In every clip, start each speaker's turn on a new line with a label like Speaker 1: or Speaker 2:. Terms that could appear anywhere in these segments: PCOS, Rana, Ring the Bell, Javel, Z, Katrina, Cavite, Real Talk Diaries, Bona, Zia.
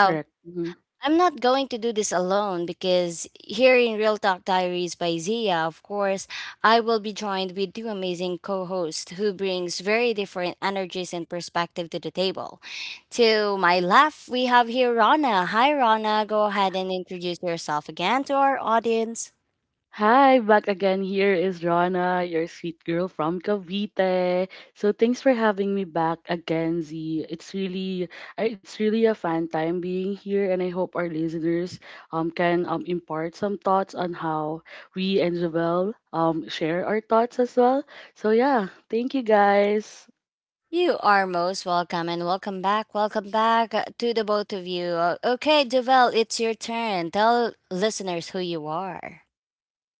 Speaker 1: Correct. Mhm. Hi, back again. Here is Rana, your sweet girl from Cavite. So thanks for having me back again, Z. It's really a fun time being here, and I hope our listeners can impart some thoughts on how we and Javel share our thoughts as well. So yeah, thank you guys.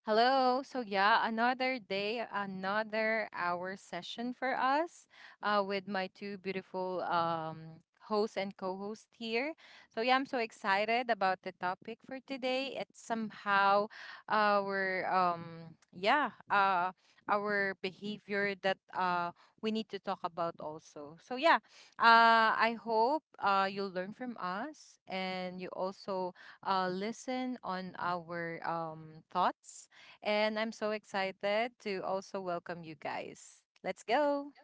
Speaker 2: Hello. So yeah, another day, another hour session for us with my two beautiful hosts and co-hosts here. So yeah, I'm so excited about the topic for today. It's somehow our yeah our behavior that we need to talk about also. So yeah, I hope you'll learn from us, and you also listen on our thoughts, and I'm so excited to also welcome you guys. Let's go.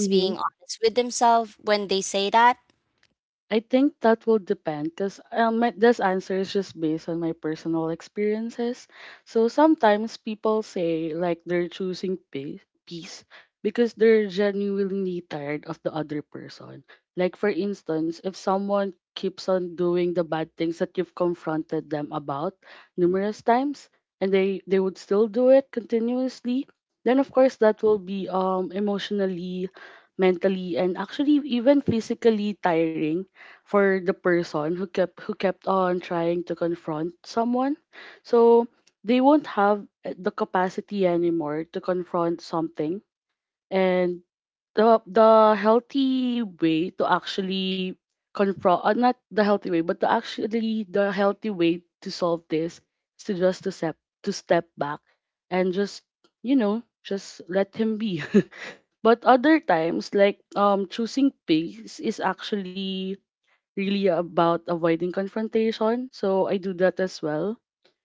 Speaker 1: Mm-hmm. I think that will depend because this answer is just based on my personal experiences. So sometimes people say like they're choosing peace because they're genuinely tired of the other person. Like, for instance, if someone keeps on doing the bad things that you've confronted them about numerous times and they would still do it continuously, then of course that will be emotionally, mentally, and actually even physically tiring for the person who kept on trying to confront someone, so they won't have the capacity anymore to confront something, and the healthy way to actually confront, not the healthy way but the actually the healthy way to solve this is to just to step back and just you know just let him be but other times, like, choosing pace is actually really about avoiding confrontation. So I do that as well.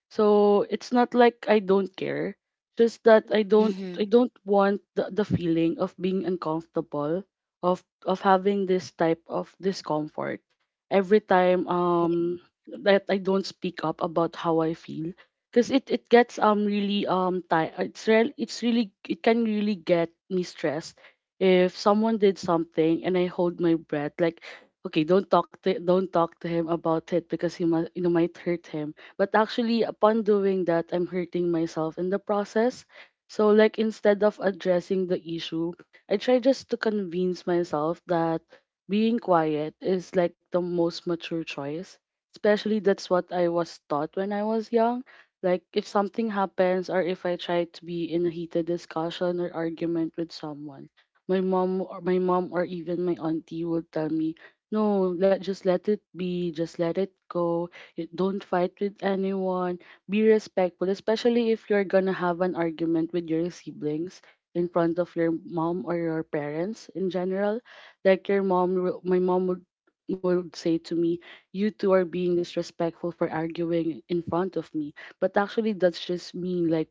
Speaker 1: So it's not like I don't care, just that I don't want the feeling of being uncomfortable, of having this type of discomfort every time, that I don't speak up about how I feel. Because it gets really, ti it's real it's really it can really get me stressed if someone did something and I hold my breath like, okay, don't talk to him about it because he must you know might hurt him, but actually, upon doing that, I'm hurting myself in the process. So, like, instead of addressing the issue, I try just to convince myself that being quiet is like the most mature choice. Especially, that's what I was taught when I was young. Like, if something happens or if I try to be in a heated discussion or argument with someone, my mom or even my auntie will tell me, no, let just let it be, just let it go. You don't fight with anyone. Be respectful, especially if you're gonna have an argument with your siblings in front of your mom or your parents in general. Like, my mom would say to me, "You two are being disrespectful for arguing in front of me." But actually, that's just me. Like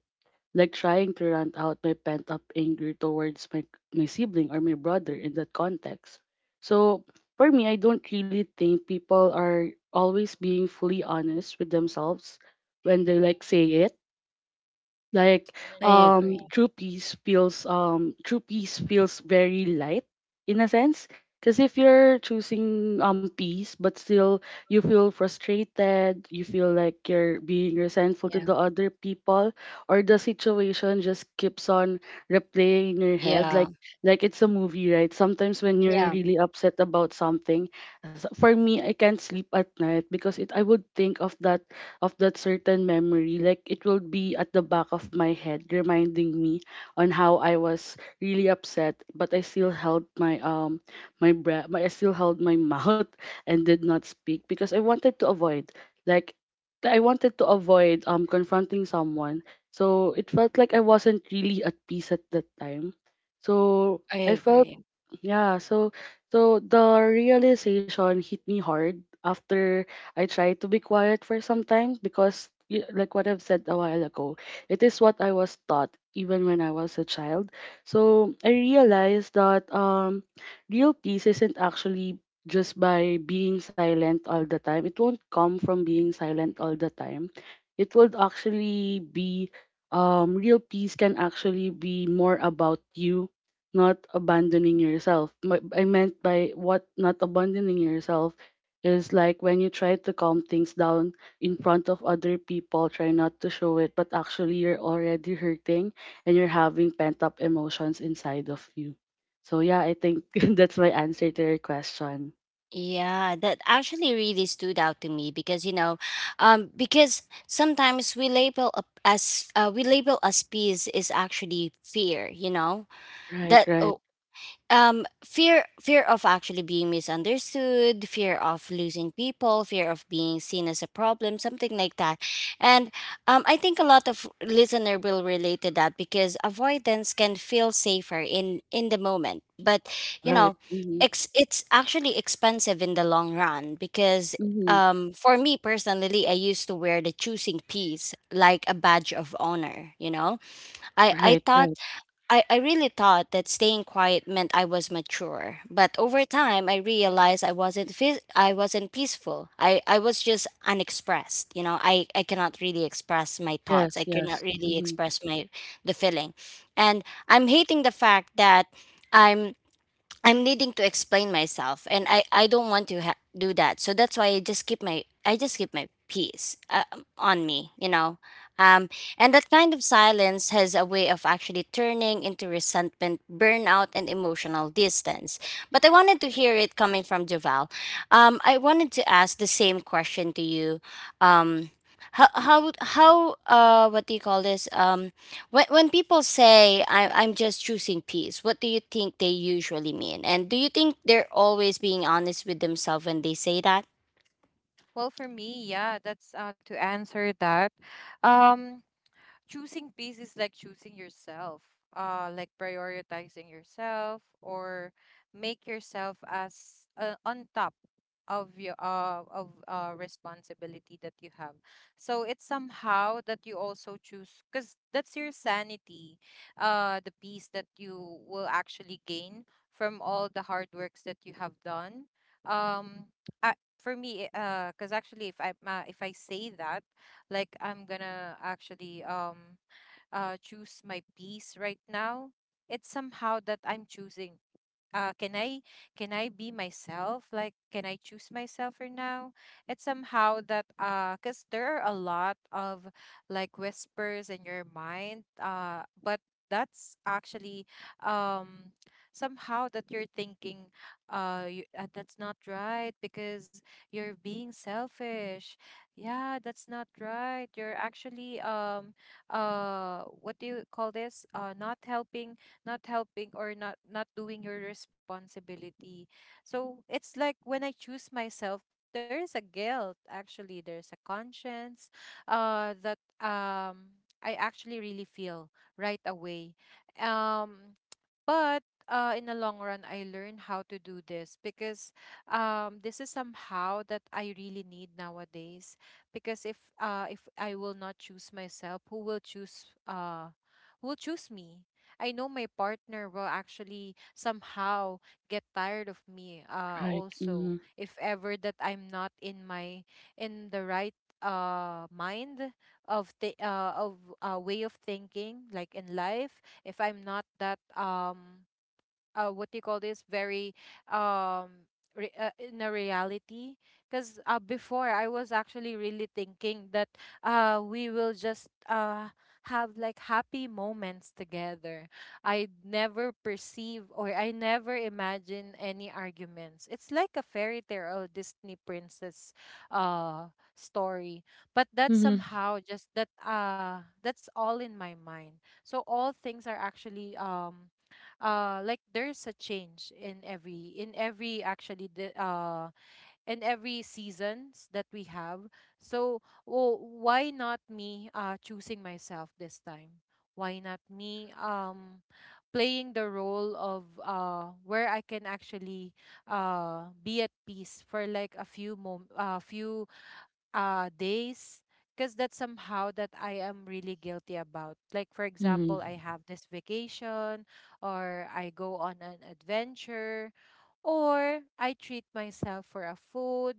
Speaker 1: like trying to rant out my pent up anger towards my sibling or my brother in that context. So, for me, I don't really think people are always being fully honest with themselves when they, like, say it, like true peace feels very light in a sense. Because if you're choosing peace but still you feel frustrated, you feel like you're being resentful to the other people, or the situation just keeps on replaying in your head, like, it's a movie, right? Sometimes when you're really upset about something, for me, I can't sleep at night because it I would think of that, certain memory, like it will be at the back of my head, reminding me on how I was really upset, but I still held my breath, I still held my mouth and did not speak because I wanted to avoid, like confronting someone. So it felt like I wasn't really at peace at that time. So I felt, yeah, so the realization hit me hard after I tried to be quiet for some time because, like what I've said a while ago, it is what I was taught even when I was a child. So I realized that real peace isn't actually just by being silent all the time. It won't come from being silent all the time. It would actually be, real peace can actually be more about you not abandoning yourself. I meant by what not abandoning yourself is like when you try to calm things down in front of other people, try not to show it, but actually you're already hurting and you're having pent up emotions inside of you. So, yeah, I think that's my answer to your question. Right, right, right. Mm-hmm, mm-hmm. Right, right. Yes, yes. Mm-hmm.
Speaker 2: Well, for me, yeah, that's to answer that. Um, Choosing peace is like choosing yourself, like prioritizing yourself or make yourself as on top of responsibility that you have, so it's somehow that you also choose because that's your sanity, the peace that you will actually gain from all the hard works that you have done. um for me, because actually if I say that, like, I'm gonna actually choose my peace right now, it's somehow that I'm choosing, uh, can I can I be myself? Like, can I choose myself for now? It's somehow that cause there are a lot of, like, whispers in your mind. But that's actually um somehow that you're thinking, that's not right because you're being selfish. Yeah, that's not right. You're actually what do you call this, not helping, or not doing your responsibility. So it's like when I choose myself there is a guilt, actually there's a conscience that I actually really feel right away. um but in the long run, I learned how to do this because this is somehow that I really need nowadays. Because if I will not choose myself, who will choose me? I know my partner will actually somehow get tired of me. Uh,
Speaker 1: Right. Mm-hmm.
Speaker 2: also, if ever that I'm not in my in the right mind, of way of thinking, like, in life, if I'm not that, what do you call this, very, um in a reality, because before I was actually really thinking that we will just have, like, happy moments together. I never perceive, or I never imagine any arguments. It's like a fairy tale or Disney princess uh story. But that's
Speaker 1: Mm-hmm.
Speaker 2: somehow just that's all in my mind, so all things are actually like there's a change in every, actually the in every seasons that we have. So, well, why not me choosing myself this time, why not me playing the role of where I can actually be at peace for, like, a few mom a few days, because that's somehow that I am really guilty about. Like, for example, I
Speaker 1: Mm-hmm.
Speaker 2: have this vacation, or I go on an adventure, or I treat myself for a food.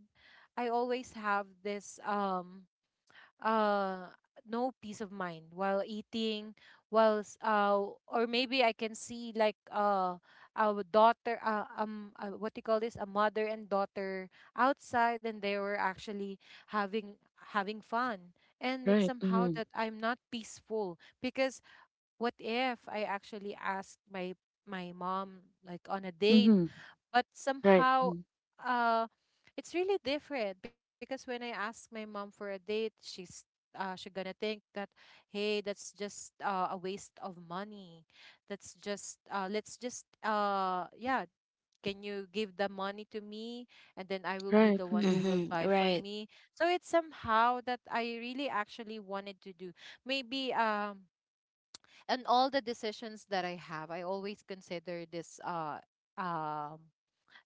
Speaker 2: I always have this uh no peace of mind while eating, while or maybe I can see, like, our daughter, what do you call this, a mother and daughter outside, and they were actually having having fun, and it's
Speaker 1: Right.
Speaker 2: somehow
Speaker 1: Mm-hmm.
Speaker 2: that I'm not peaceful, because what if I actually ask my mom, like, on a date?
Speaker 1: Mm-hmm.
Speaker 2: But
Speaker 1: Right. Mm-hmm.
Speaker 2: somehow, uh it's really different, because when I ask my mom for a date, she's, she gonna think that, hey, that's just a waste of money. That's just Let's just, yeah, can you give the money to me, and then I will be
Speaker 1: Right.
Speaker 2: the one who
Speaker 1: Mm-hmm.
Speaker 2: will buy for me. So it's somehow that I really actually wanted to do, maybe. And all the decisions that I have, I always consider this, um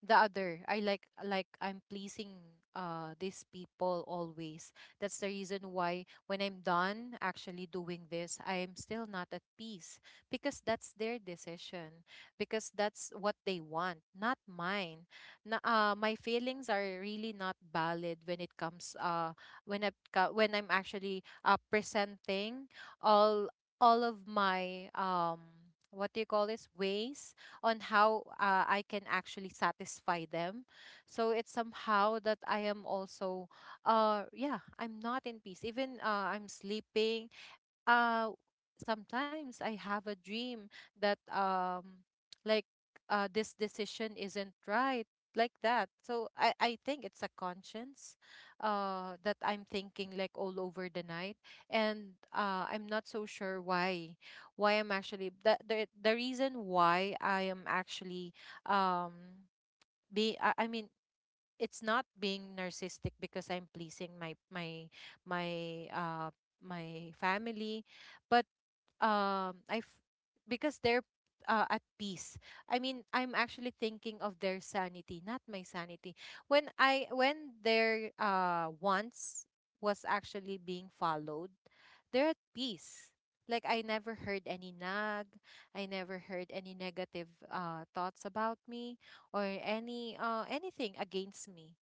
Speaker 2: the other. I like I'm pleasing these people always. That's the reason why when I'm done actually doing this, I'm still not at peace, because that's their decision, because that's what they want, not mine. Na, my feelings are really not valid when it comes when I when I'm actually presenting all of my, what do you call this, ways on how, I can actually satisfy them. So it's somehow that I am also, yeah, I'm not in peace. Even I'm sleeping, uh sometimes I have a dream that, like, this decision isn't right, like that. So I think it's a conscience that I'm thinking, like, all over the night, and I'm not so sure why, I'm actually the, reason why I am actually, um I mean, it's not being narcissistic because I'm pleasing my uh my family, but um I f- because they're, at peace. I mean, I'm actually thinking of their sanity, not my sanity. When their wants was actually being followed, they're at peace. Like, I never heard any nag, I never heard any negative thoughts about me or any anything against me,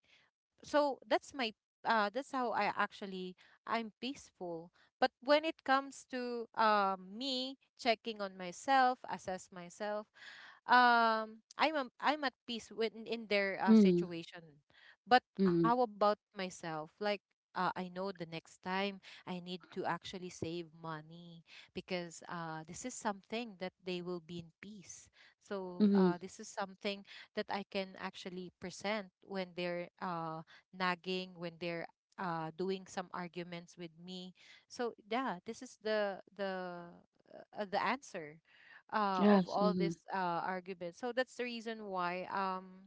Speaker 2: so that's my that's how I'm peaceful. But when it comes to, me checking on myself, assess myself, I'm at peace with in their
Speaker 1: Mm,
Speaker 2: situation. But how
Speaker 1: mm,
Speaker 2: about myself? Like, I know the next time I need to actually save money, because this is something that they will be in peace. So
Speaker 1: mhm.
Speaker 2: this is something that I can actually present when they're nagging, when they're doing some arguments with me. So yeah, this is the, the answer, of
Speaker 1: Yes,
Speaker 2: all this
Speaker 1: mhm.
Speaker 2: argument. So that's the reason why,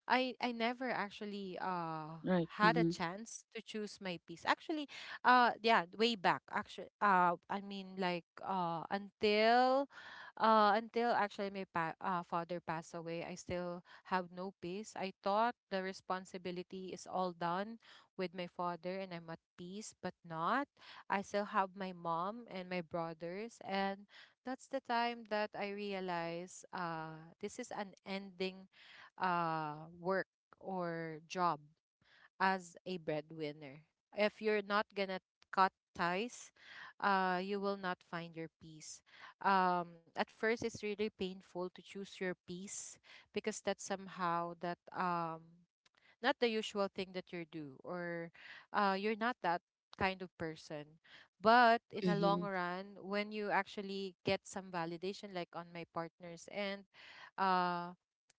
Speaker 2: I never actually
Speaker 1: Right,
Speaker 2: had a
Speaker 1: mhm.
Speaker 2: chance to choose my piece. Actually, yeah, way back, actually, I mean, like, until actually my father passed away, I still have no peace. I thought the responsibility is all done with my father and I'm at peace, but not. I still have my mom and my brothers, and that's the time that I realize, this is an ending work or job as a breadwinner. If you're not gonna cut ties, you will not find your peace. At first, it's really painful to choose your peace, because that's somehow that, not the usual thing that you do, or you're not that kind of person. But in a long run, when you actually get some validation, like on my partners, and uh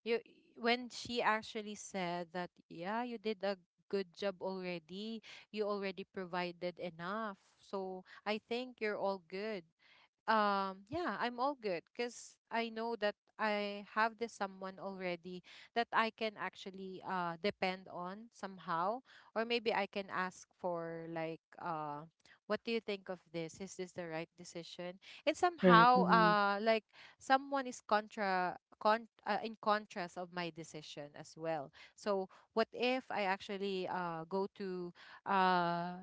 Speaker 2: you when she actually said that, yeah, you did a good job already, you already provided enough, so I think you're all good. Yeah, I'm all good, because I know that I have this someone already, that I can actually depend on, somehow, or maybe I can ask for, like, what do you think of this, is this the right decision? And
Speaker 1: Right,
Speaker 2: somehow,
Speaker 1: mhm.
Speaker 2: like, someone is contra con in contrast of my decision as well. So what if I actually go to uh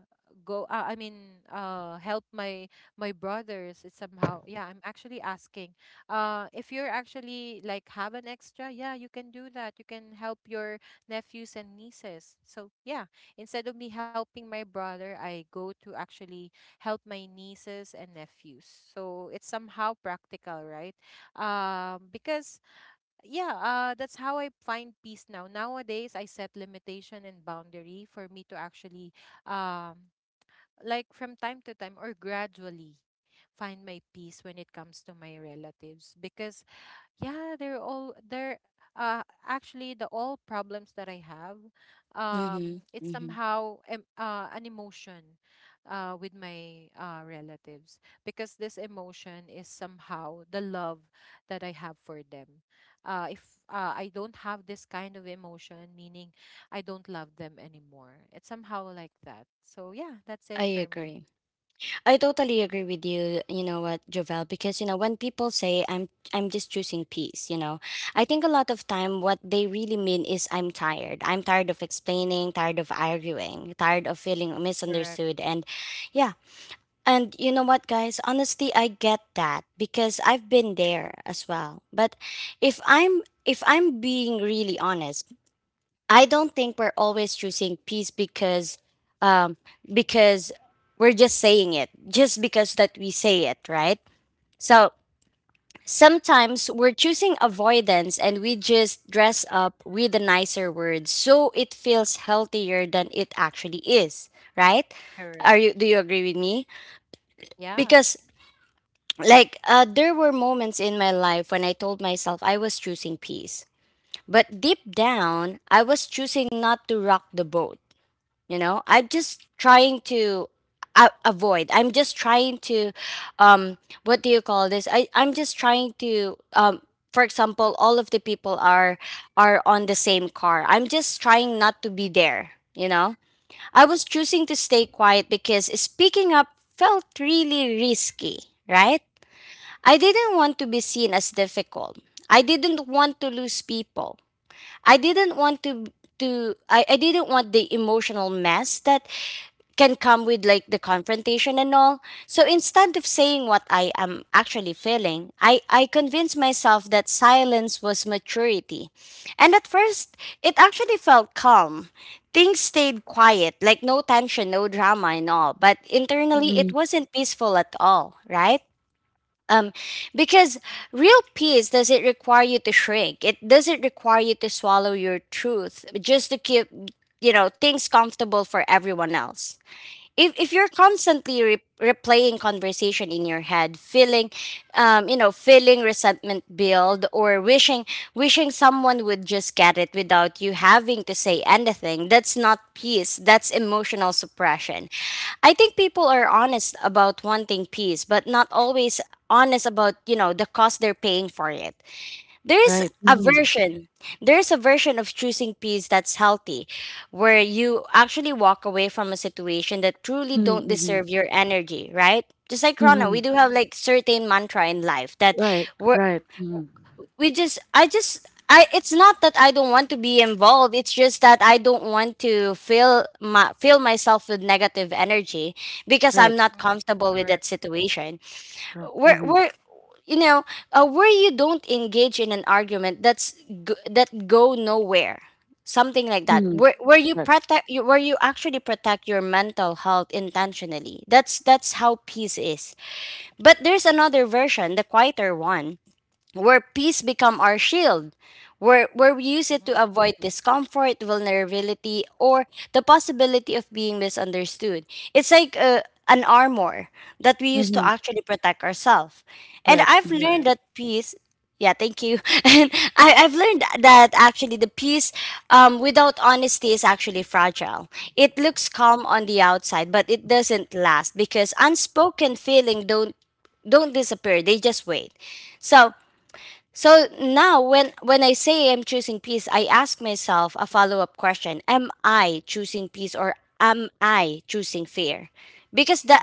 Speaker 2: go I mean, help my brothers? It's somehow, yeah, I'm actually asking, if you're actually, like, have an extra, yeah, you can do that, you can help your nephews and nieces. So yeah, instead of me helping my brother, I go to actually help my nieces and nephews, so it's somehow practical, right? Because yeah, that's how I find peace now. Nowadays I set limitation and boundary for me to actually, um like, from time to time or gradually, find my peace when it comes to my relatives, because yeah, they're all, they're uh actually, the all problems that I have, it's somehow an emotion with my relatives, because this emotion is somehow the love that I have for them. If, I don't have this kind of emotion, meaning I don't love them anymore, it's somehow like that. So yeah, that's it for me. Correct, correct.
Speaker 1: Right,
Speaker 2: Yeah.
Speaker 1: mhm. Right, mhm. Mhm, mhm. Mhm. Right, right, mhm. Right,
Speaker 2: Hmm. Correct.
Speaker 1: mhm. Mhm. Correct.
Speaker 2: Hmm.
Speaker 1: Mhm. Correct. Mhm.
Speaker 2: Correct.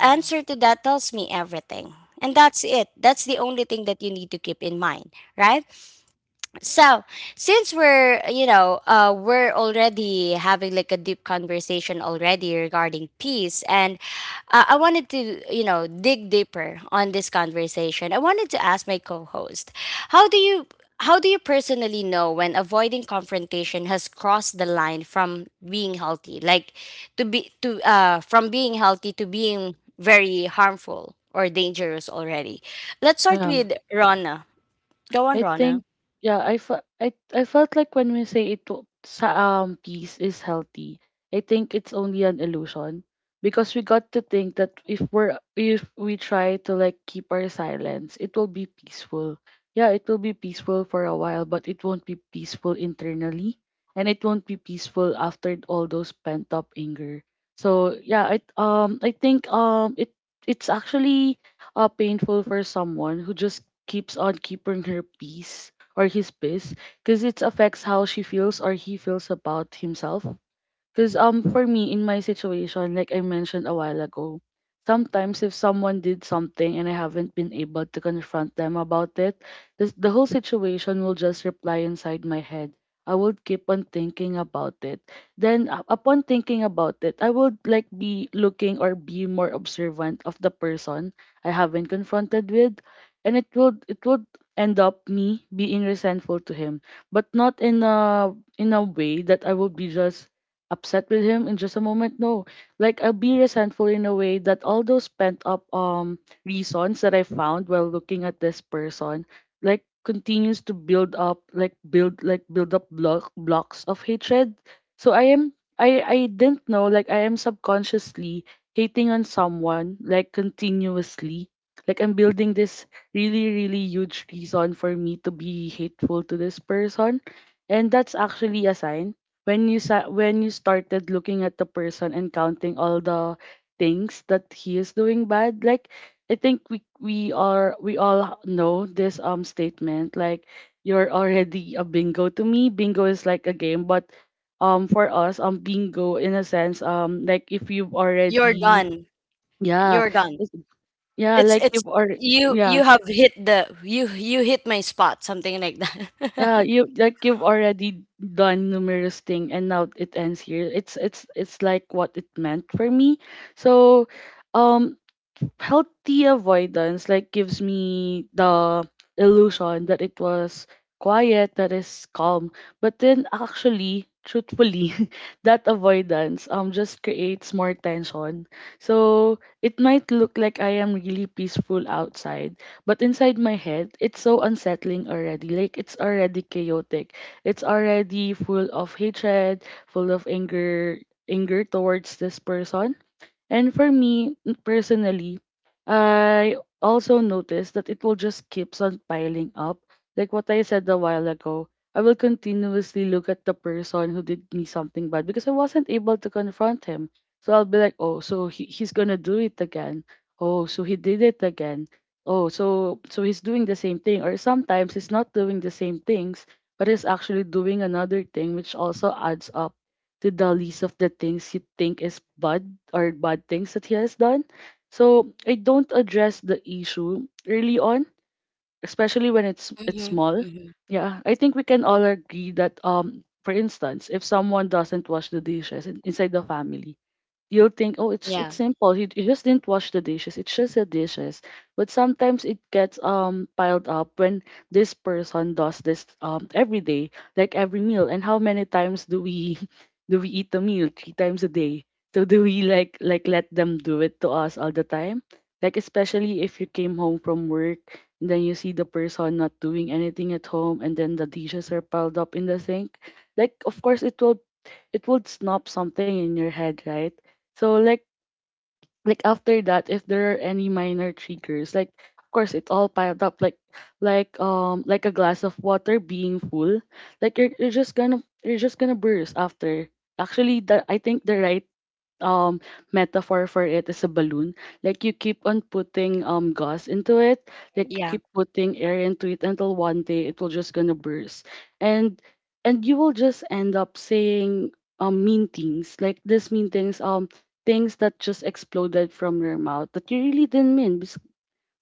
Speaker 2: Yeah.
Speaker 1: Yeah. I think, yeah, I fe- I felt like when we say it to- sa peace is healthy, I think it's only an illusion because we got to think that if we try to, like, keep our silence, it will be peaceful. Yeah, it will be peaceful for a while, but it won't be peaceful internally and it won't be peaceful after all those pent up anger. So, yeah, I think, it's actually painful for someone who just keeps on keeping her peace or his peace because it affects how she feels or he feels about himself, because for me in my situation, like I mentioned a while ago, sometimes if someone did something and I haven't been able to confront them about it, the whole situation will just reply inside my head. I will keep on thinking about it. Then, upon thinking about it, I would, like, be looking or be more observant of the person I haven't confronted with, and it would end up me being resentful to him, but not in a way that I would be just upset with him in just a moment. No, like, I'll be resentful in a way that all those pent up reasons that I found while looking at this person, like, continues to build up, like build up blocks of hatred. So I didn't know, like, I am subconsciously hating on someone, like, continuously, like I'm building this really, really huge reason for me to be hateful to this person. And that's actually a sign when you, started looking at the person and counting all the things that he is doing bad, like, I think we all know this statement, like, you're already a bingo to me. Bingo is like a game, but, for us, bingo in a sense, like, if you've already, yeah, it's- yeah, like, you've already, yeah, you, like, you've already done numerous thing, and now it ends here. It's like what it meant for me. So, um, healthy avoidance, like, gives me the illusion that it was quiet, that is calm, but then actually, truthfully that avoidance just creates more tension, so it might look like I am really peaceful outside, but inside my head it's so unsettling already, like it's already chaotic, it's already full of hatred, full of anger, anger towards this person. And for me, personally, I also notice that it will just keeps on piling up. Like what I said a while ago, I will continuously look at the person who did me something bad because I wasn't able to confront him. So I'll be like, oh, so he's gonna do it again. Oh, so he did it again. Oh, so he's doing the same thing. Or sometimes he's not doing the same things, but he's actually doing another thing, which also adds up to the list of the things you think is bad, or bad things that he has done. So I don't address the issue early on, especially when it's small. Yeah, I think we can all agree that, for instance, if someone doesn't wash the dishes inside the family, you'll think, oh, it's simple. He just didn't wash the dishes. It's just the dishes. But sometimes it gets piled up when this person does this every day, like every meal. And how many times do we do we eat a meal? Three times a day. So do we, like, let them do it to us all the time? Like, especially if you came home from work and then you see the person not doing anything at home and then the dishes are piled up in the sink. Like, of course it would snap something in your head, right? So after that, if there are any minor triggers, like of course it all piled up like like a glass of water being full, like you're just gonna burst after. Actually, the I think the right um metaphor for it is a balloon. Like you keep on putting gas into it, like you keep putting air into it until one day it will just gonna burst. And and you will just end up saying mean things. Like this mean things, things that just exploded from your mouth that you really didn't mean,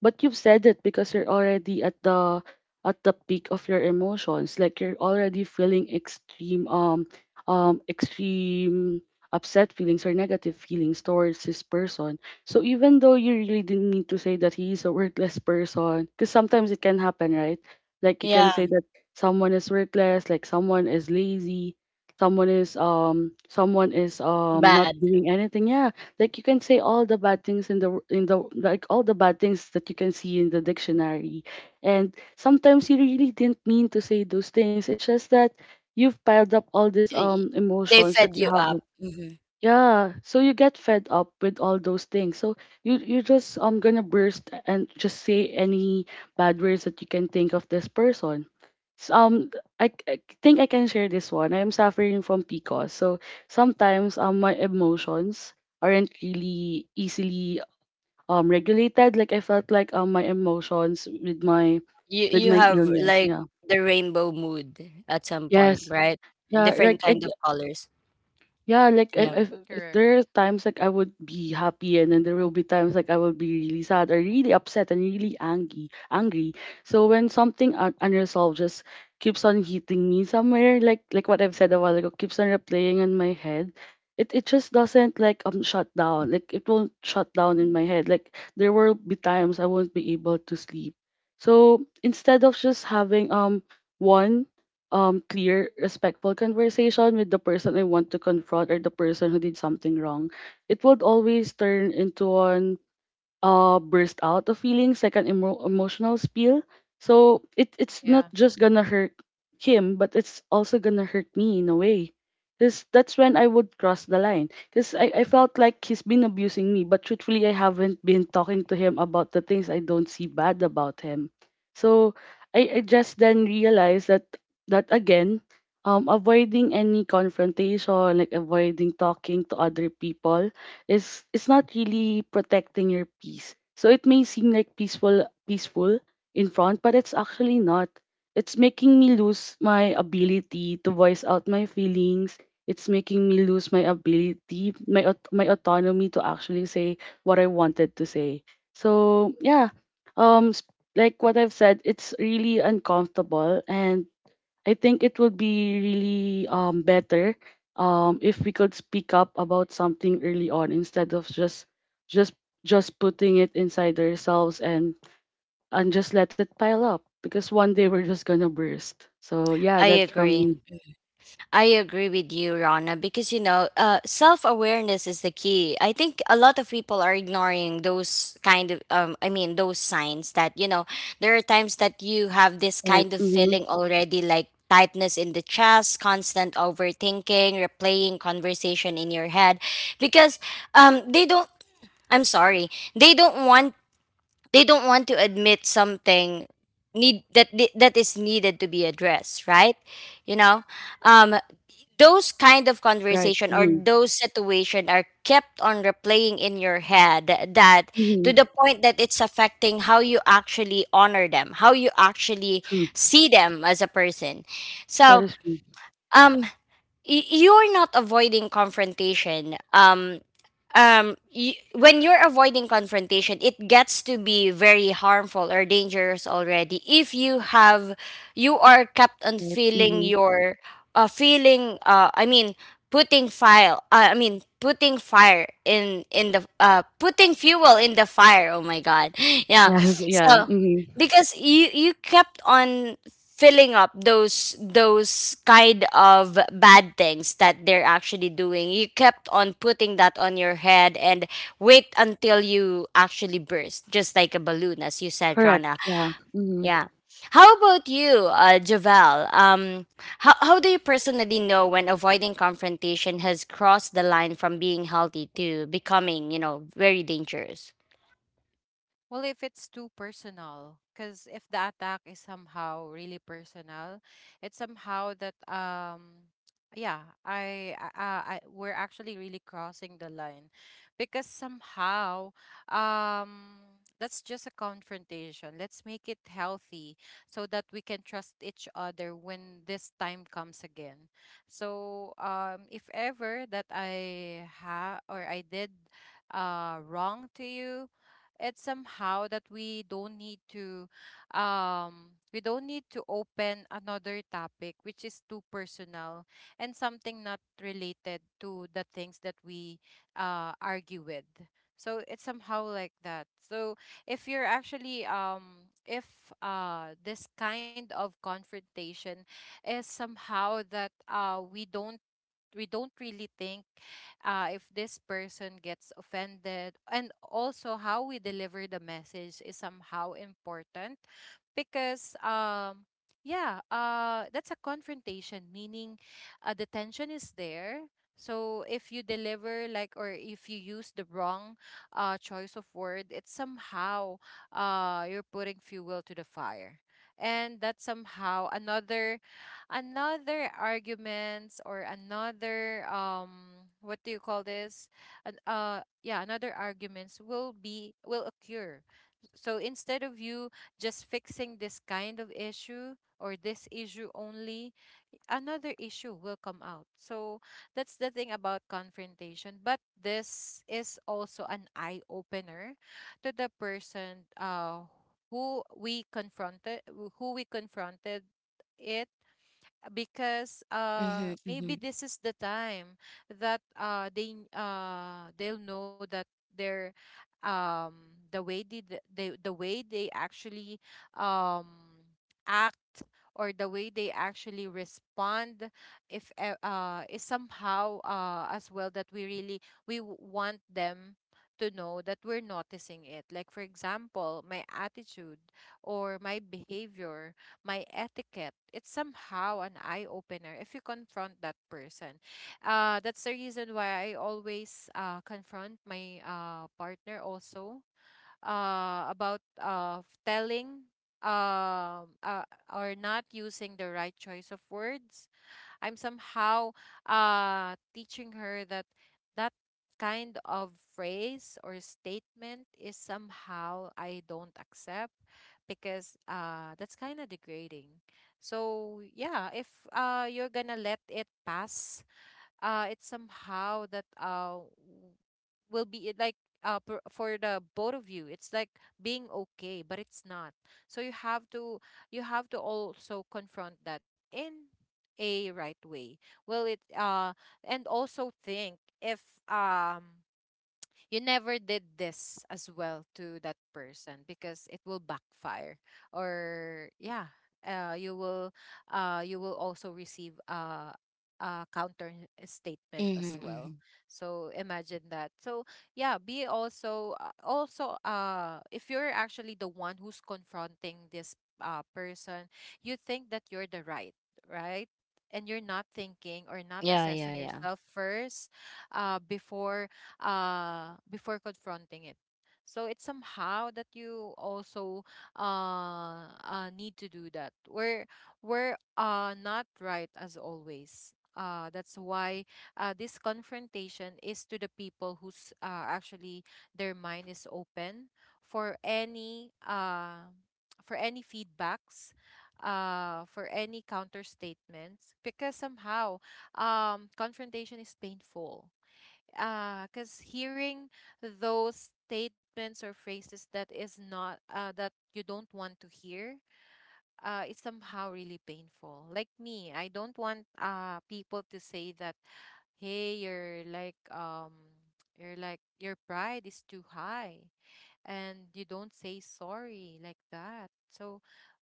Speaker 1: but you've said it because you're already at the peak of your emotions. Like you're already feeling extreme upset feelings or negative feelings towards his person. So even though you really didn't need to say that he is a worthless person, because sometimes it can happen, right? Like you can say that someone is worthless, like someone is lazy, someone is not doing anything. Yeah, like you can say all the bad things in the like all the bad things that you can see in the dictionary, and sometimes you really didn't mean to say those things. It's just that you've piled up all these emotions that you have. Yeah, so you get fed up with all those things. So you just gonna burst and just say any bad words that you can think of this person. So, um I think I can share this one. I am suffering from PCOS. So sometimes my emotions aren't really easily regulated. Like I felt like my emotions with my illness. Yeah. Yes. Yeah, like I, Yeah, like
Speaker 2: Correct.
Speaker 1: if there are times like I would be happy, and then there will be times like I will be really sad or really upset and really angry. So when something unresolved just keeps on hitting me somewhere, like what I've said a while ago, keeps on replaying in my head, it just doesn't like shut down. Like it won't shut down in my head. Like there will be times I won't be able to sleep. So instead of just having one clear respectful conversation with the person I want to confront or the person who did something wrong, it would always turn into an burst out of feelings, like an emotional spill. So it's
Speaker 2: Yeah.
Speaker 1: not just gonna hurt him, but it's also gonna hurt me in a way, because that's when I would cross the line. Because I felt like he's been abusing me, but truthfully I haven't been talking to him about the things I don't see bad about him. So I just then realized that, that again, avoiding any confrontation, like avoiding talking to other people, is, it's not really protecting your peace. So it may seem like peaceful in front, but it's actually not. It's making me lose my ability to voice out my feelings. It's making me lose my ability, my my autonomy to actually say what I wanted to say. So yeah, um, s- like what I've said, it's really uncomfortable. And I think it would be really better if we could speak up about something early on, instead of just just just putting it inside ourselves and just let it pile up, because one day we're just gonna burst. So yeah, that's from me. Right. Mm-hmm. Right. Mm-hmm. Mm-hmm. True. That is true. Right. Mm-hmm. Yes. Yeah. Mm-hmm. Correct. Yeah. Mm-hmm.
Speaker 2: Well, if it's too personal, because if the attack is somehow really personal, it's somehow that, yeah, I we're actually really crossing the line, because somehow, um, that's just a confrontation. Let's make it healthy so that we can trust each other when this time comes again. So if ever that I ha or I did wrong to you, it's somehow that we don't need to we don't need to open another topic which is too personal and something not related to the things that we argue with. So it's somehow like that. So if you're actually if this kind of confrontation is somehow that we don't really think if this person gets offended, and also how we deliver the message is somehow important. Because yeah, that's a confrontation, meaning the tension is there. So if you deliver like, or if you use the wrong choice of word, it's somehow you're putting fuel to the fire, and that's somehow another arguments, or another what do you call this? Yeah, another arguments will occur. So instead of you just fixing this kind of issue, or this issue only, another issue will come out. So that's the thing about confrontation. But this is also an eye opener to the person who we confronted who we confronted it Because maybe this is the time that they'll know that their the way they the way they actually um act, or the way they actually respond if e- is somehow as well that we really want them to know that we're noticing it. Like, for example, my attitude, or my behavior, my etiquette. It's somehow an eye opener if you confront that person. That's the reason why I always confront my partner also about telling or not using the right choice of words. I'm somehow teaching her that that kind of phrase or statement is somehow I don't accept, because that's kind of degrading. So yeah, if you're gonna let it pass, it's somehow that will be it like for the both of you it's like being okay, but it's not. So you have to, you have to also confront that in a right way. Well it uh and also think if um you never did this as well to that person, because it will backfire. Or yeah, you will, you will also receive a counter statement as well. So imagine that. So yeah, be also also if you're actually the one who's confronting this person, you think that you're the right, right, and you're not thinking or not assessing yourself first, before, before confronting it. So it's somehow that you also need to do that. We're not right as always. That's why this confrontation is to the people who's actually their mind is open for any uh, for any feedbacks, for any counter statements. Because somehow confrontation is painful, because hearing those statements or phrases that is not that you don't want to hear, it's somehow really painful. Like me, I don't want people to say that, hey, you're like your pride is too high, and you don't say sorry, like that. So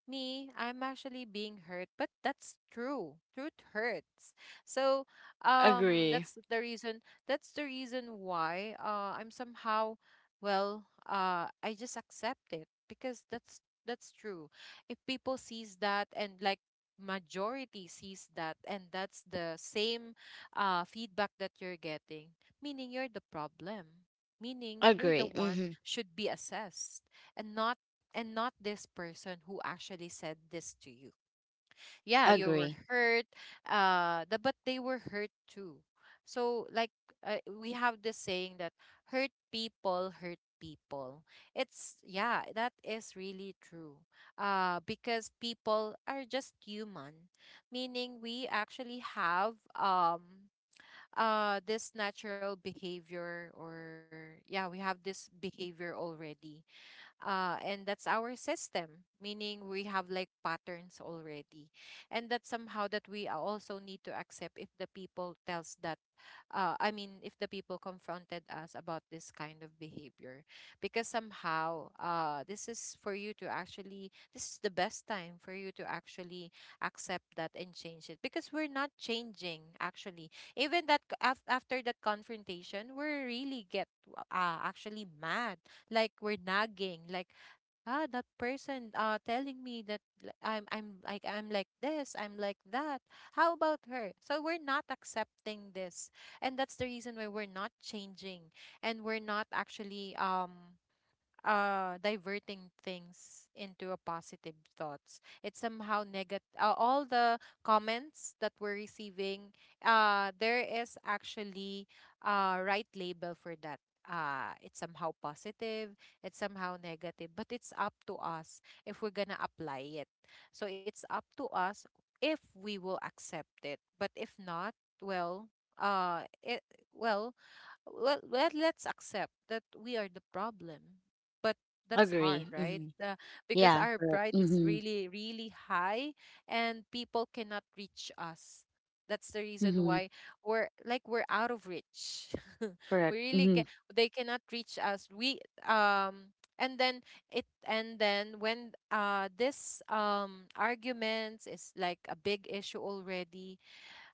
Speaker 2: me, I'm actually being hurt, but that's true. Truth hurts. So, that's the reason. That's the reason why I'm somehow, well, I just accept it, because that's true. If people sees that, and like majority sees that, and that's the same feedback that you're getting, meaning you're the problem, meaning you're the one should be assessed, and not, and not this person who actually said this to you. Yeah, you were hurt, but they were hurt too. So like, we have this saying that hurt people hurt people. It's, yeah, that is really true. Because people are just human, meaning we actually have this natural behavior, or yeah, we have this behavior already. And that's our system, meaning we have like patterns already. And that's somehow that we also need to accept if the people tells that, I mean if the people confronted us about this kind of behavior. Because somehow this is for you to actually, this is the best time for you to actually accept that and change it. Because we're not changing actually, even after that confrontation, we really get actually mad, like we're nagging, like ah, that person telling me that I'm like this, I'm like that, how about her? So we're not accepting this, and that's the reason why we're not changing, and we're not actually diverting things into a positive thoughts. It's somehow negative, all the comments that we're receiving, there is actually a right label for that. It's somehow positive, it's somehow negative, but it's up to us if we're gonna apply it. So it's up to us if we will accept it. But if not, well uh it well well, well, let's accept that we are the problem. But that's hard, right? Because our
Speaker 1: Correct.
Speaker 2: pride is
Speaker 1: Mm-hmm.
Speaker 2: really, really high, and people cannot reach us. That's the reason
Speaker 1: Mm-hmm.
Speaker 2: why we're like, we're out of reach. We
Speaker 1: Correct.
Speaker 2: really can,
Speaker 1: Mm-hmm.
Speaker 2: they cannot reach us. We um and then, it and then when this arguments is like a big issue already,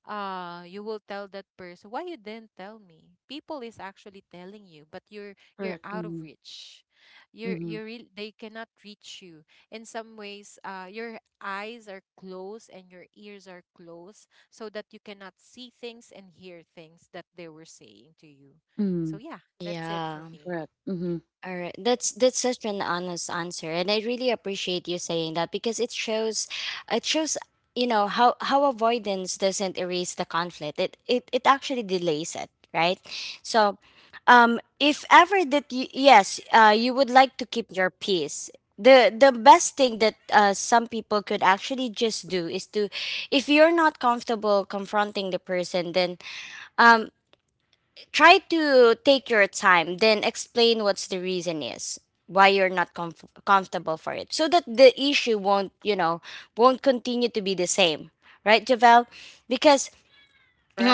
Speaker 2: you will tell that person, why you didn't tell me? People is actually telling you, but you're
Speaker 1: Correct.
Speaker 2: out of
Speaker 1: Mm-hmm.
Speaker 2: reach. you're
Speaker 1: Mm-hmm.
Speaker 2: you're real they cannot reach you. In some ways, your eyes are closed and your ears are closed, so that you cannot see things and hear things that they were saying to you.
Speaker 1: Mm-hmm.
Speaker 2: So yeah, that's it for me.
Speaker 1: Correct. Mm-hmm.
Speaker 2: Correct.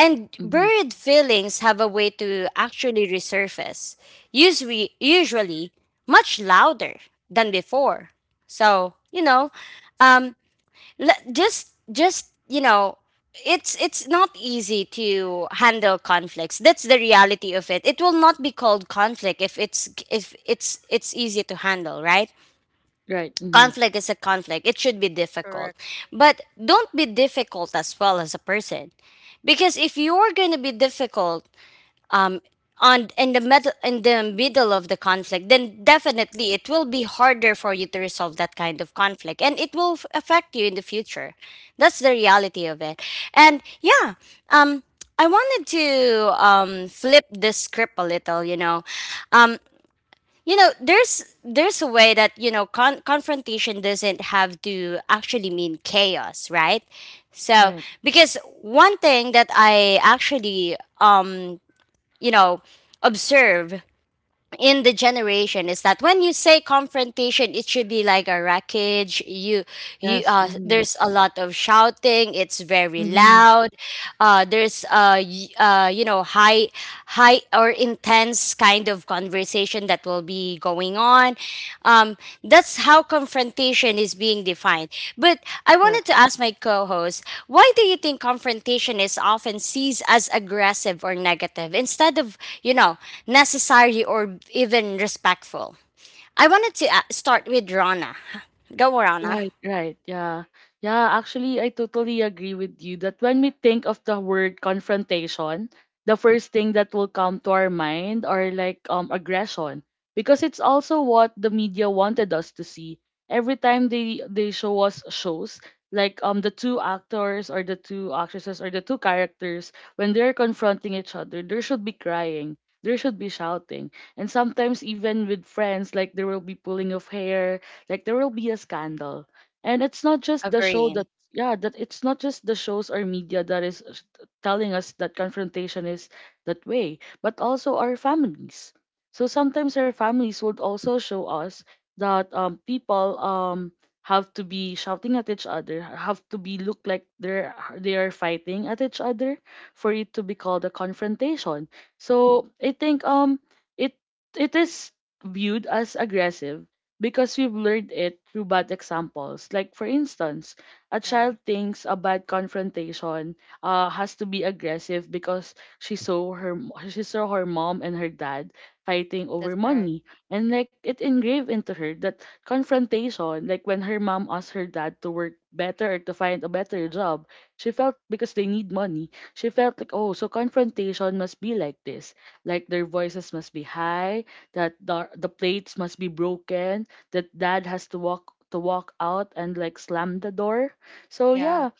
Speaker 1: Right. Mhm. Right. Mhm.
Speaker 2: Correct.
Speaker 1: Right. Yes. Mhm. Mhm. Right, right. Yeah. Yeah, actually I totally agree with you that when we think of the word confrontation, the first thing that will come to our mind are like aggression, because it's also what the media wanted us to see. Every time they show us shows like the two actors or the two actresses or the two characters, when they're confronting each other, there should be crying. There should be shouting. And sometimes even with friends, like there will be pulling of hair, like there will be a scandal. And it's not just the show that, yeah, that it's not just the shows or media that is telling us that confrontation is that way, but also our families. So sometimes our families would also show us that people have to be shouting at each other, have to be look like they are fighting at each other for it to be called a confrontation. So I think it it is viewed as aggressive, because we've learned it through bad examples. Like, for instance, a
Speaker 2: Yeah.
Speaker 1: child thinks a bad confrontation has to be aggressive because she saw her mom and her dad fighting
Speaker 2: That's
Speaker 1: over
Speaker 2: right.
Speaker 1: money, and like it engraved into her that confrontation. Like when her mom asked her dad to work better or to find a better job, she felt because they need money. She felt like, oh, so confrontation must be like this. Like their voices must be high, that the plates must be broken, that dad has to walk out and like slam the door. So
Speaker 2: Yeah.
Speaker 1: yeah,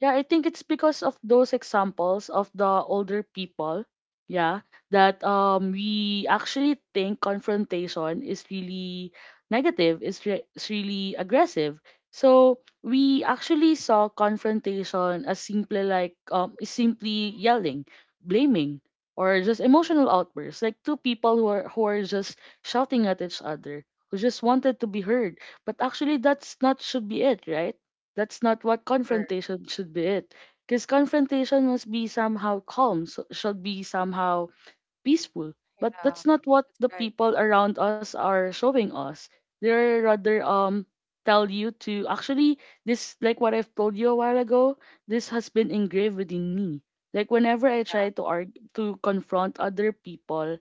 Speaker 1: yeah, I think it's because of those examples of the older people, yeah, that we actually think confrontation is really negative, is is really aggressive. So we actually saw confrontation as simply like is simply yelling, blaming, or just emotional outbursts, like two people who are just shouting at each other, who just wanted to be heard. But actually, that's not should be it, right? That's not what
Speaker 2: Correct.
Speaker 1: confrontation should be it. Because confrontation must be somehow calm, so should be somehow peaceful. But
Speaker 2: Yeah.
Speaker 1: that's not what
Speaker 2: That's
Speaker 1: the
Speaker 2: right.
Speaker 1: people around us are showing us. They're rather tell you to actually this, like what I've told you a while ago, this has been engraved within me. Like whenever I
Speaker 2: Yeah.
Speaker 1: try to argue to confront other people,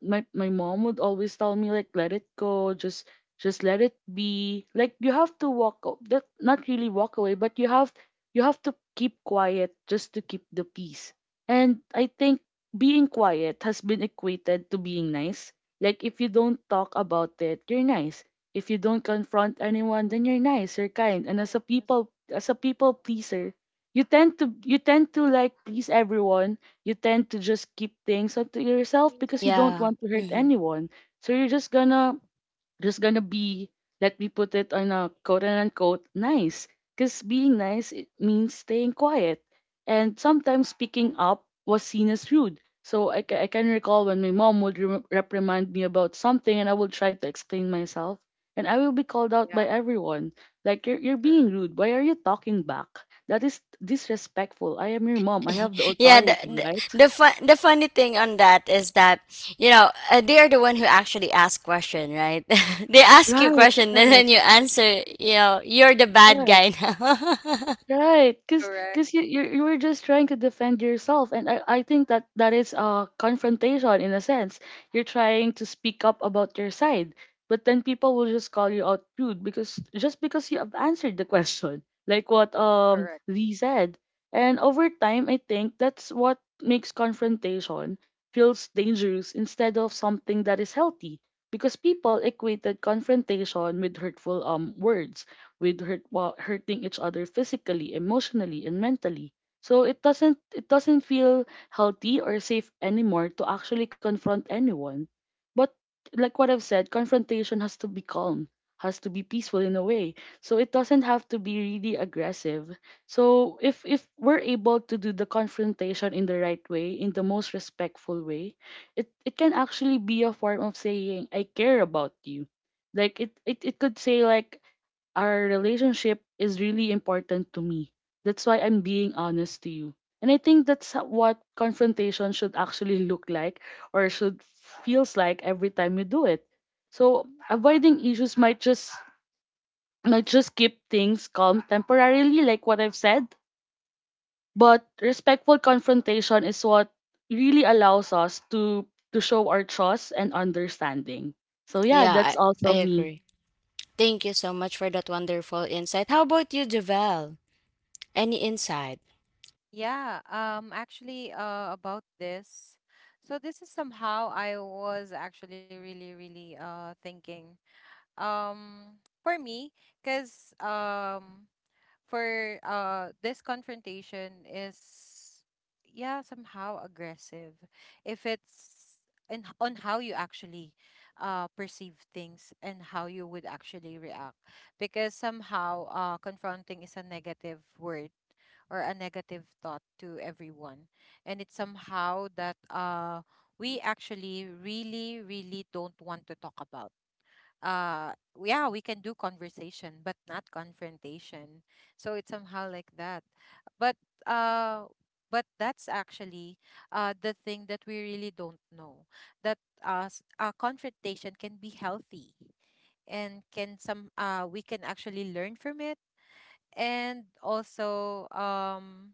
Speaker 1: my mom would always tell me, like, let it go, just let it be. Like you have to that not really walk away, but you have to keep quiet just to keep the peace. And I think being quiet has been equated to being nice. Like if you don't talk about it, you're nice. If you don't confront anyone, then you're nice, you're kind. And as a people pleaser, you tend to like please everyone. You tend to just keep things up to yourself because you don't
Speaker 3: Yeah.
Speaker 1: want to hurt
Speaker 3: Hmm.
Speaker 1: anyone. So you're just gonna be let me put it on a quote and unquote nice, because being nice it means staying quiet. And sometimes speaking up was seen as rude. So I can recall when my mom would reprimand me about something and I would try to explain myself, and I will be called
Speaker 2: Yeah.
Speaker 1: out by everyone, like, you're
Speaker 2: Correct.
Speaker 1: being rude, why are you talking back, that is disrespectful, I am your mom, I have the
Speaker 3: Yeah, the,
Speaker 1: authority,
Speaker 3: the the fun the funny thing on that is that they are the one who actually ask question, right? They ask you
Speaker 1: right
Speaker 3: question, then
Speaker 1: right
Speaker 3: when you answer, you know you're the bad
Speaker 1: right.
Speaker 3: guy now.
Speaker 1: Right, because
Speaker 2: Correct.
Speaker 1: you were just trying to defend yourself, and I think that that is a confrontation in a sense. You're trying to speak up about your side, but then people will just call you out rude because just because you have answered the question, like what
Speaker 2: Correct.
Speaker 1: Lee said. And over time, I think that's what makes confrontation feels dangerous instead of something that is healthy, because people equated confrontation with hurtful words, with hurting each other physically, emotionally, and mentally. So it doesn't feel healthy or safe anymore to actually confront anyone. But like what I've said, confrontation has to be calm, has to be peaceful in a way. So it doesn't have to be really aggressive. So if we're able to do the confrontation in the right way, in the most respectful way, it can actually be a form of saying I care about you. Like it could say like our relationship is really important to me. That's why I'm being honest to you. And I think that's what confrontation should actually look like, or should feels like every time you do it. So avoiding issues might just keep things calm temporarily, like what I've said, but respectful confrontation is what really allows us to show our trust and understanding. So yeah,
Speaker 3: Yeah,
Speaker 1: that's all
Speaker 3: I
Speaker 1: from me.
Speaker 3: agree. Thank you so much for that wonderful insight. How about you, Javel? Any insight?
Speaker 2: Yeah, actually, about this. So this is somehow I was actually really, really thinking. For me, because for this confrontation is yeah, somehow aggressive if it's on how you actually perceive things and how you would actually react. Because somehow confronting is a negative word, or a negative thought to everyone. And it's somehow that we actually really, really don't want to talk about, uh yeah, we can do conversation but not confrontation. So it's somehow like that. But uh but that's actually the thing that we really don't know, that confrontation can be healthy, and can some we can actually learn from it. And also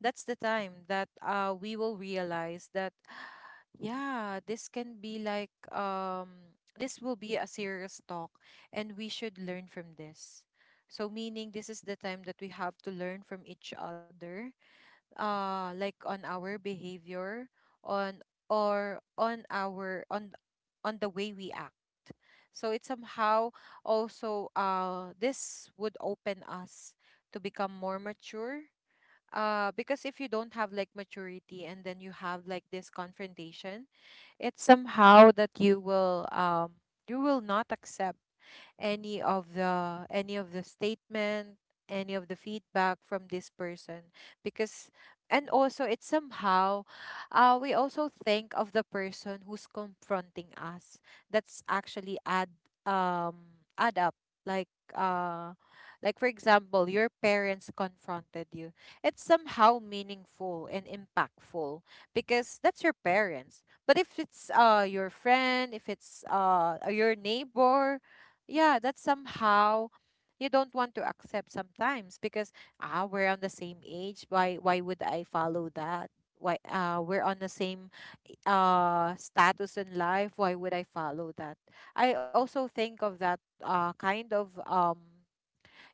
Speaker 2: that's the time that we will realize that yeah, this can be like this will be a serious talk, and we should learn from this. So meaning, this is the time that we have to learn from each other, like on our behavior, on, or on our on the way we act. So it somehow, also this would open us to become more mature. Because if you don't have like maturity, and then you have like this confrontation, it's somehow that you will not accept any of the statement, any of the feedback from this person. Because, and also it's somehow we also think of the person who's confronting us. That's actually add, add up. Like, uh like for example, your parents confronted you, it's somehow meaningful and impactful, because that's your parents. But if it's your friend, if it's your neighbor, yeah, that's somehow you don't want to accept sometimes. Because ah, we're on the same age, why would I follow that? Why we're on the same status in life, why would I follow that? I also think of that kind of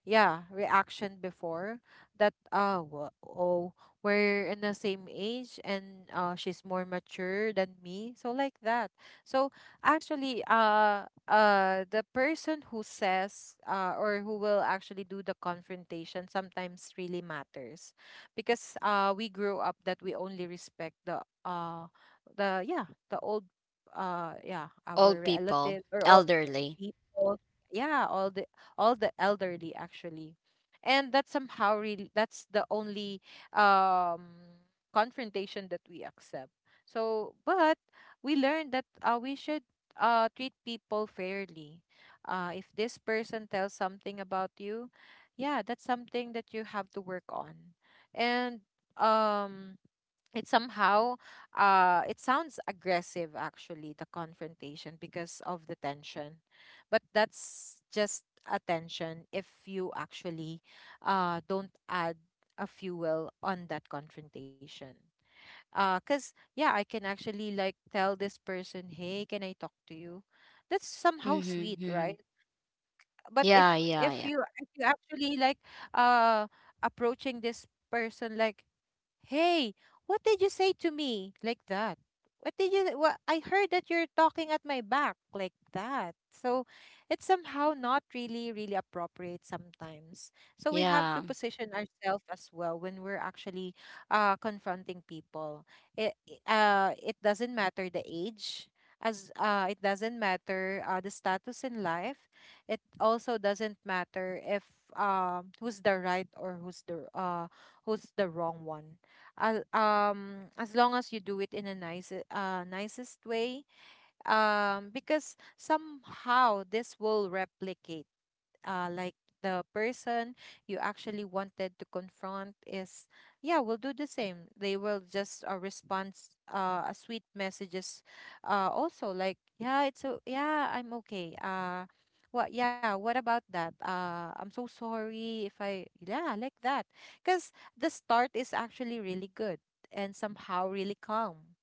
Speaker 2: yeah reaction before, that oh, we're in the same age, and she's more mature than me, so like that. So actually, the person who says or who will actually do the confrontation sometimes really matters. Because we grew up that we only respect the yeah, the old, yeah, our
Speaker 3: Old people,
Speaker 2: relatives, or all
Speaker 3: elderly.
Speaker 2: people, yeah, all the elderly actually. And that's somehow really, that's the only um confrontation that we accept. So but we learned that we should treat people fairly. If this person tells something about you, yeah, that's something that you have to work on. And um it somehow, it sounds aggressive actually, the confrontation, because of the tension. But that's just a tension if you actually don't add a fuel on that confrontation. Cuz yeah, I can actually like tell this person, hey, can I talk to you? That's somehow sweet,
Speaker 3: Mm-hmm, mm-hmm.
Speaker 2: right? But
Speaker 3: Yeah,
Speaker 2: if
Speaker 3: yeah,
Speaker 2: if
Speaker 3: yeah,
Speaker 2: you, if you actually like uh approaching this person like, hey, what did you say to me? Like that. What did you, what, I heard that you're talking at my back, like that. So it's somehow not really, really appropriate sometimes. So we have to
Speaker 3: yeah,
Speaker 2: position ourselves as well when we're actually confronting people. It, it doesn't matter the age. As It doesn't matter the status in life, it also doesn't matter if who's the right or who's the wrong one. As long as you do it in a nice, nicest way, because somehow this will replicate, like the person you actually wanted to confront is, yeah, will do the same. They will just respond a sweet messages, also like yeah it's yeah, I'm okay, what yeah, what about that, I'm so sorry if I, yeah, like that. Because the start is actually really good and somehow really calm.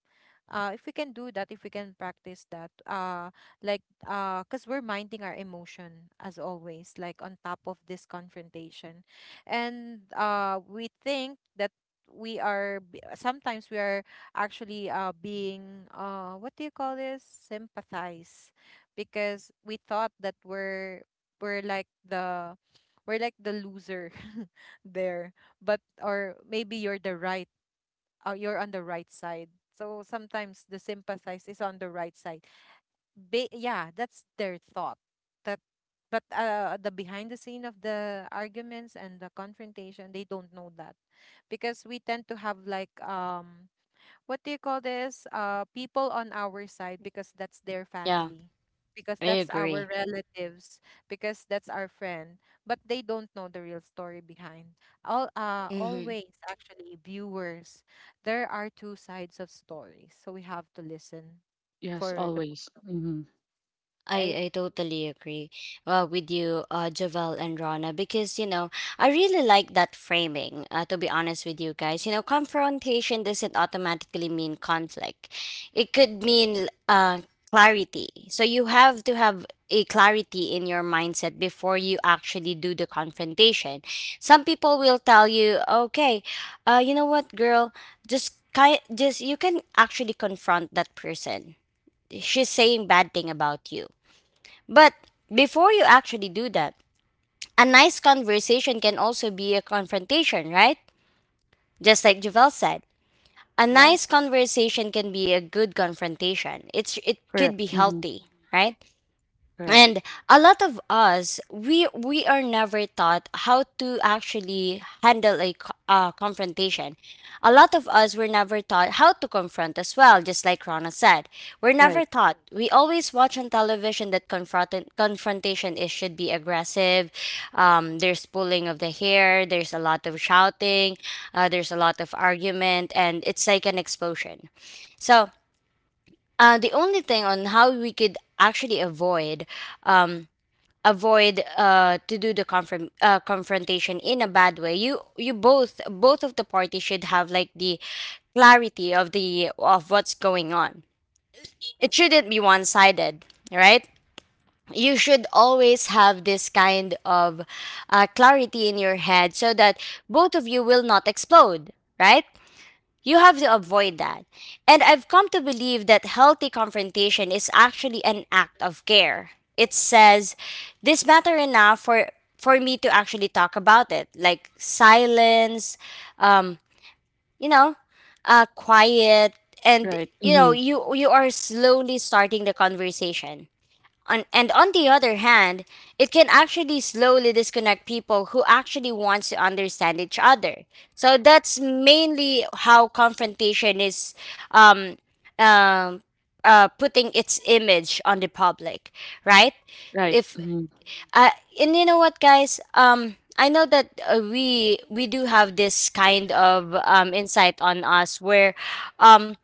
Speaker 2: If we can do that, if we can practice that, like, because we're minding our emotion as always, like on top of this confrontation. And we think that we are sometimes we are actually being what do you call this, sympathize. Because we thought that we're, we're like the we're like the loser. There. But or maybe you're the right, you're on the right side. So sometimes the sympathize is on the right side. Yeah, that's their thought. That, but the behind the scene of the arguments and the confrontation, they don't know that. Because we tend to have like what do you call this? People on our side, because that's their
Speaker 3: yeah.
Speaker 2: family, because
Speaker 3: I
Speaker 2: that's our
Speaker 3: agree.
Speaker 2: relatives, because that's our friend. But they don't know the real story behind. All
Speaker 3: Mm-hmm.
Speaker 2: Always actually viewers, there are two sides of stories, so we have to listen
Speaker 1: Yes,
Speaker 2: for the both,
Speaker 1: always. Hmm.
Speaker 2: right?
Speaker 3: I totally agree with you, Javel and Rana, because, you know, I really like that framing, to be honest with you guys. You know, confrontation doesn't automatically mean conflict, it could mean clarity. So you have to have a clarity in your mindset before you actually do the confrontation. Some people will tell you, okay, you know what, girl, just you can actually confront that person. She's saying bad thing about you, but before you actually do that, a nice conversation can also be a confrontation, right? Just like Javel said. A nice
Speaker 2: Yes.
Speaker 3: conversation can be a good confrontation. It's it could
Speaker 1: Correct.
Speaker 3: be
Speaker 1: Hmm.
Speaker 3: healthy, right?
Speaker 1: Correct.
Speaker 3: And a lot of us we are never taught how to actually handle a confrontation. A lot of us were never taught how to confront as well, just like Rana said. We're
Speaker 1: Right,
Speaker 3: never taught. We always watch on television that confrontation is should be aggressive. Um, there's pulling of the hair, there's a lot of shouting, there's a lot of argument, and it's like an explosion. So the only thing on how we could actually avoid, um, to do the confrontation in a bad way, you both of the parties should have like the clarity of the of what's going on. It shouldn't be one-sided, right? You should always have this kind of clarity in your head, so that both of you will not explode, right? You have to avoid that. And I've come to believe that healthy confrontation is actually an act of care. It says, this matter enough for me to actually talk about it. Like silence, um, you know, quiet, and
Speaker 1: right.
Speaker 3: you know,
Speaker 1: Mhm.
Speaker 3: you are slowly starting the conversation. On the other hand, it can actually slowly disconnect people who actually wants to understand each other. So that's mainly how confrontation is, um, um, putting its image on the public, right?
Speaker 1: Right.
Speaker 3: If
Speaker 1: Mhm.
Speaker 3: uh, and you know what, guys, I know that we do have this kind of insight on us where, um,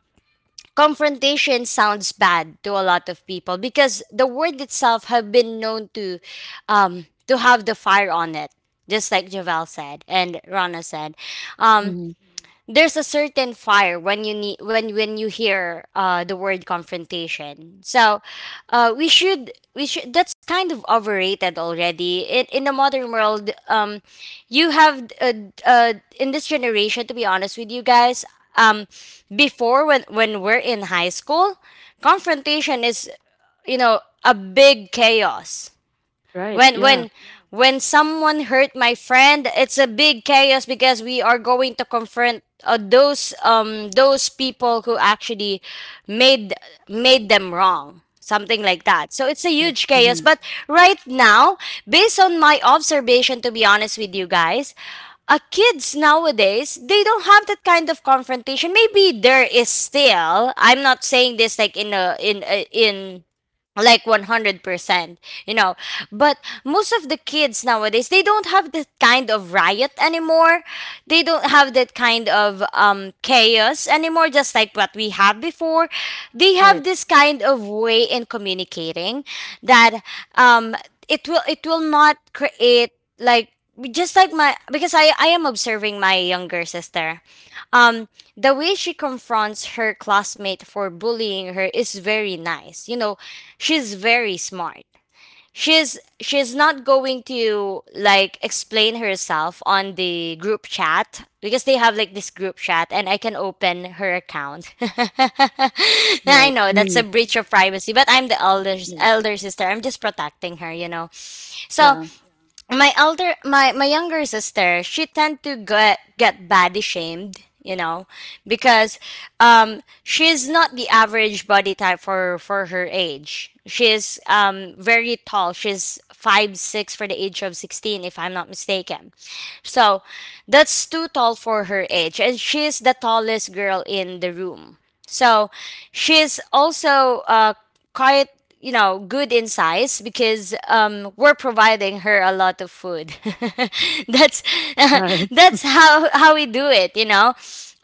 Speaker 3: confrontation sounds bad to a lot of people because the word itself have been known to have the fire on it, just like Javel said and Rana said. Um,
Speaker 1: Mhm.
Speaker 3: there's a certain fire when you need when you hear the word confrontation. So uh, we should, that's kind of overrated already in a modern world. Um, you have uh in this generation, to be honest with you guys, um, before, when we're in high school, confrontation is, you know, a big chaos.
Speaker 1: Right.
Speaker 3: when
Speaker 1: Yeah.
Speaker 3: when when someone hurt my friend, it's a big chaos because we are going to confront those people who actually made made them wrong, something like that. So it's a
Speaker 1: Yes.
Speaker 3: huge chaos.
Speaker 1: Mhm.
Speaker 3: But right now, based on my observation, to be honest with you guys, kids nowadays, they don't have that kind of confrontation. Maybe there is still, I'm not saying this like in like 100%, you know. But most of the kids nowadays, they don't have that kind of riot anymore. They don't have that kind of chaos anymore, just like what we have before. They have
Speaker 1: Right.
Speaker 3: this kind of way in communicating that um, it will not create like, just like my, because I am observing my younger sister. Um, the way she confronts her classmate for bullying her is very nice, you know. She's very smart. She's not going to like explain herself on the group chat, because they have like this group chat and I can open her account. I
Speaker 1: Right.
Speaker 3: know that's a
Speaker 1: Mhm.
Speaker 3: breach of privacy, but I'm the
Speaker 1: Right.
Speaker 3: elder sister, I'm just protecting her, you know. So
Speaker 1: Yeah.
Speaker 3: my elder my my younger sister, she tend to get body shamed, you know, because um, she's not the average body type for her age. She's very tall, she's 5'6" for the age of 16, if I'm not mistaken. So that's too tall for her age. And she's the tallest girl in the room. So she's also quite, you know, good in size because we're providing her a lot of food. That's
Speaker 1: Right.
Speaker 3: that's how we do it, you know.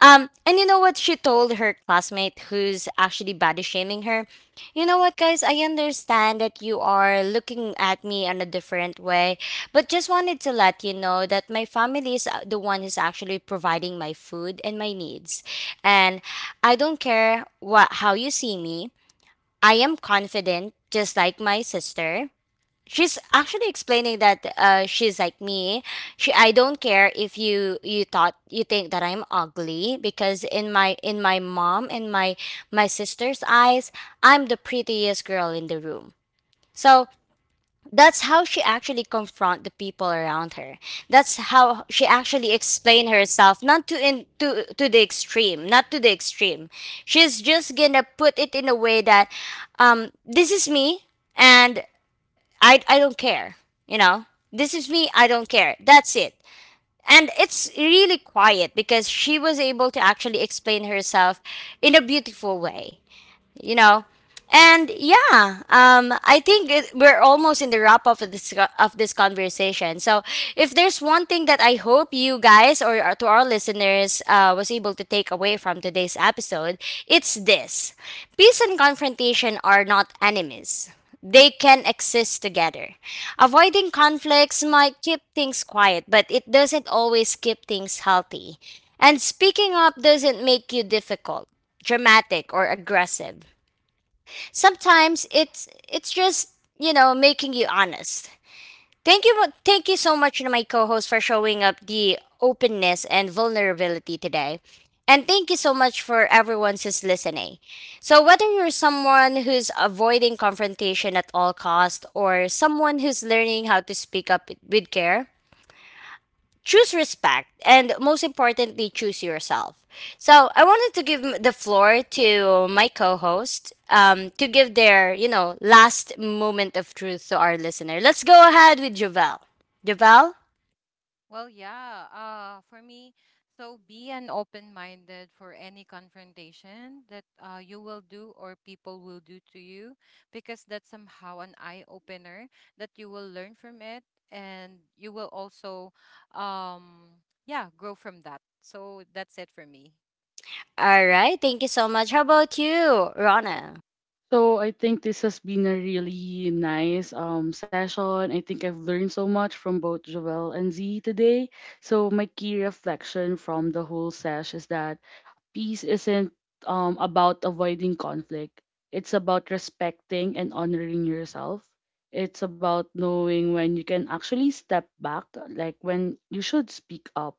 Speaker 3: And you know what she told her classmate who's actually body shaming her? You know what, guys? I understand that you are looking at me in a different way, but just wanted to let you know that my family is the one who's actually providing my food and my needs. And I don't care what how you see me. I am confident. Just like my sister, she's actually explaining that she's like me. She, I don't care if you thought, you think that I'm ugly, because in my mom and my sister's eyes, I'm the prettiest girl in the room. So that's how she actually confront the people around her. That's how she actually explain herself, not to in to to the extreme, not to the extreme. She's just gonna put it in a way that um, this is me, and I don't care. You know, this is me. I don't care. That's it. And it's really quiet because she was able to actually explain herself in a beautiful way, you know. And yeah, um, I think we're almost in the wrap up of this of this conversation. So if there's one thing that I hope you guys or to our listeners was able to take away from today's episode, it's this: peace and confrontation are not enemies, they can exist together. Avoiding conflicts might keep things quiet, but it doesn't always keep things healthy. And speaking up doesn't make you difficult, dramatic, or aggressive. Sometimes it's just, you know, making you honest. Thank you so much to my co-host for showing up the openness and vulnerability today, and thank you so much for everyone who's listening. So whether you're someone who's avoiding confrontation at all cost, or someone who's learning how to speak up with care, choose respect, and most importantly, choose yourself. So I wanted to give the floor to my co-host, to give their, you know, last moment of truth to our listener. Let's go ahead with Javel. Javel.
Speaker 2: Well, yeah. For me, so be an open-minded for any confrontation that you will do or people will do to you, because that's somehow an eye-opener that you will learn from it, and you will also, um, yeah, grow from that. So that's it for me.
Speaker 3: All right, thank you so much. How about you, Rana?
Speaker 1: So I think this has been a really nice session. I think I've learned so much from both Jovel and Z today. So my key reflection from the whole sesh is that peace isn't about avoiding conflict, it's about respecting and honoring yourself. It's about knowing when you can actually step back, like when you should speak up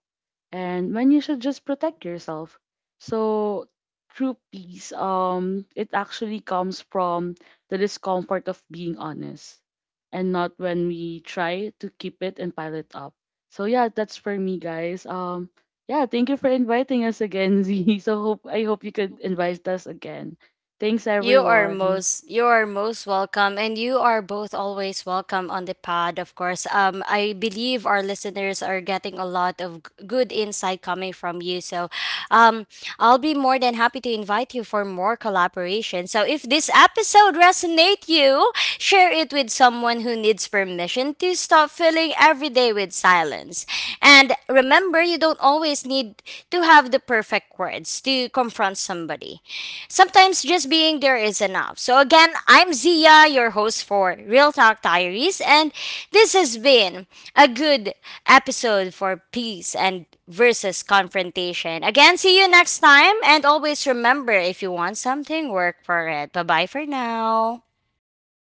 Speaker 1: and when you should just protect yourself. So true peace, it actually comes from the discomfort of being honest and not when we try to keep it and pile it up. So yeah, that's for me guys. Yeah, thank you for inviting us again, Z. So hope I hope you could invite us again. Thanks everyone.
Speaker 3: You are most welcome, and you are both always welcome on the pod, of course. Um, I believe our listeners are getting a lot of good insight coming from you. So um, I'll be more than happy to invite you for more collaboration. So if this episode resonate you, share it with someone who needs permission to stop filling every day with silence. And remember, you don't always need to have the perfect words to confront somebody. Sometimes just being there is enough. So, again, I'm Zia, your host for Real Talk Diaries, and this has been a good episode for peace and versus confrontation. Again, see you next time, and always remember, if you want something, work for it. Bye bye for now.
Speaker 1: Bye.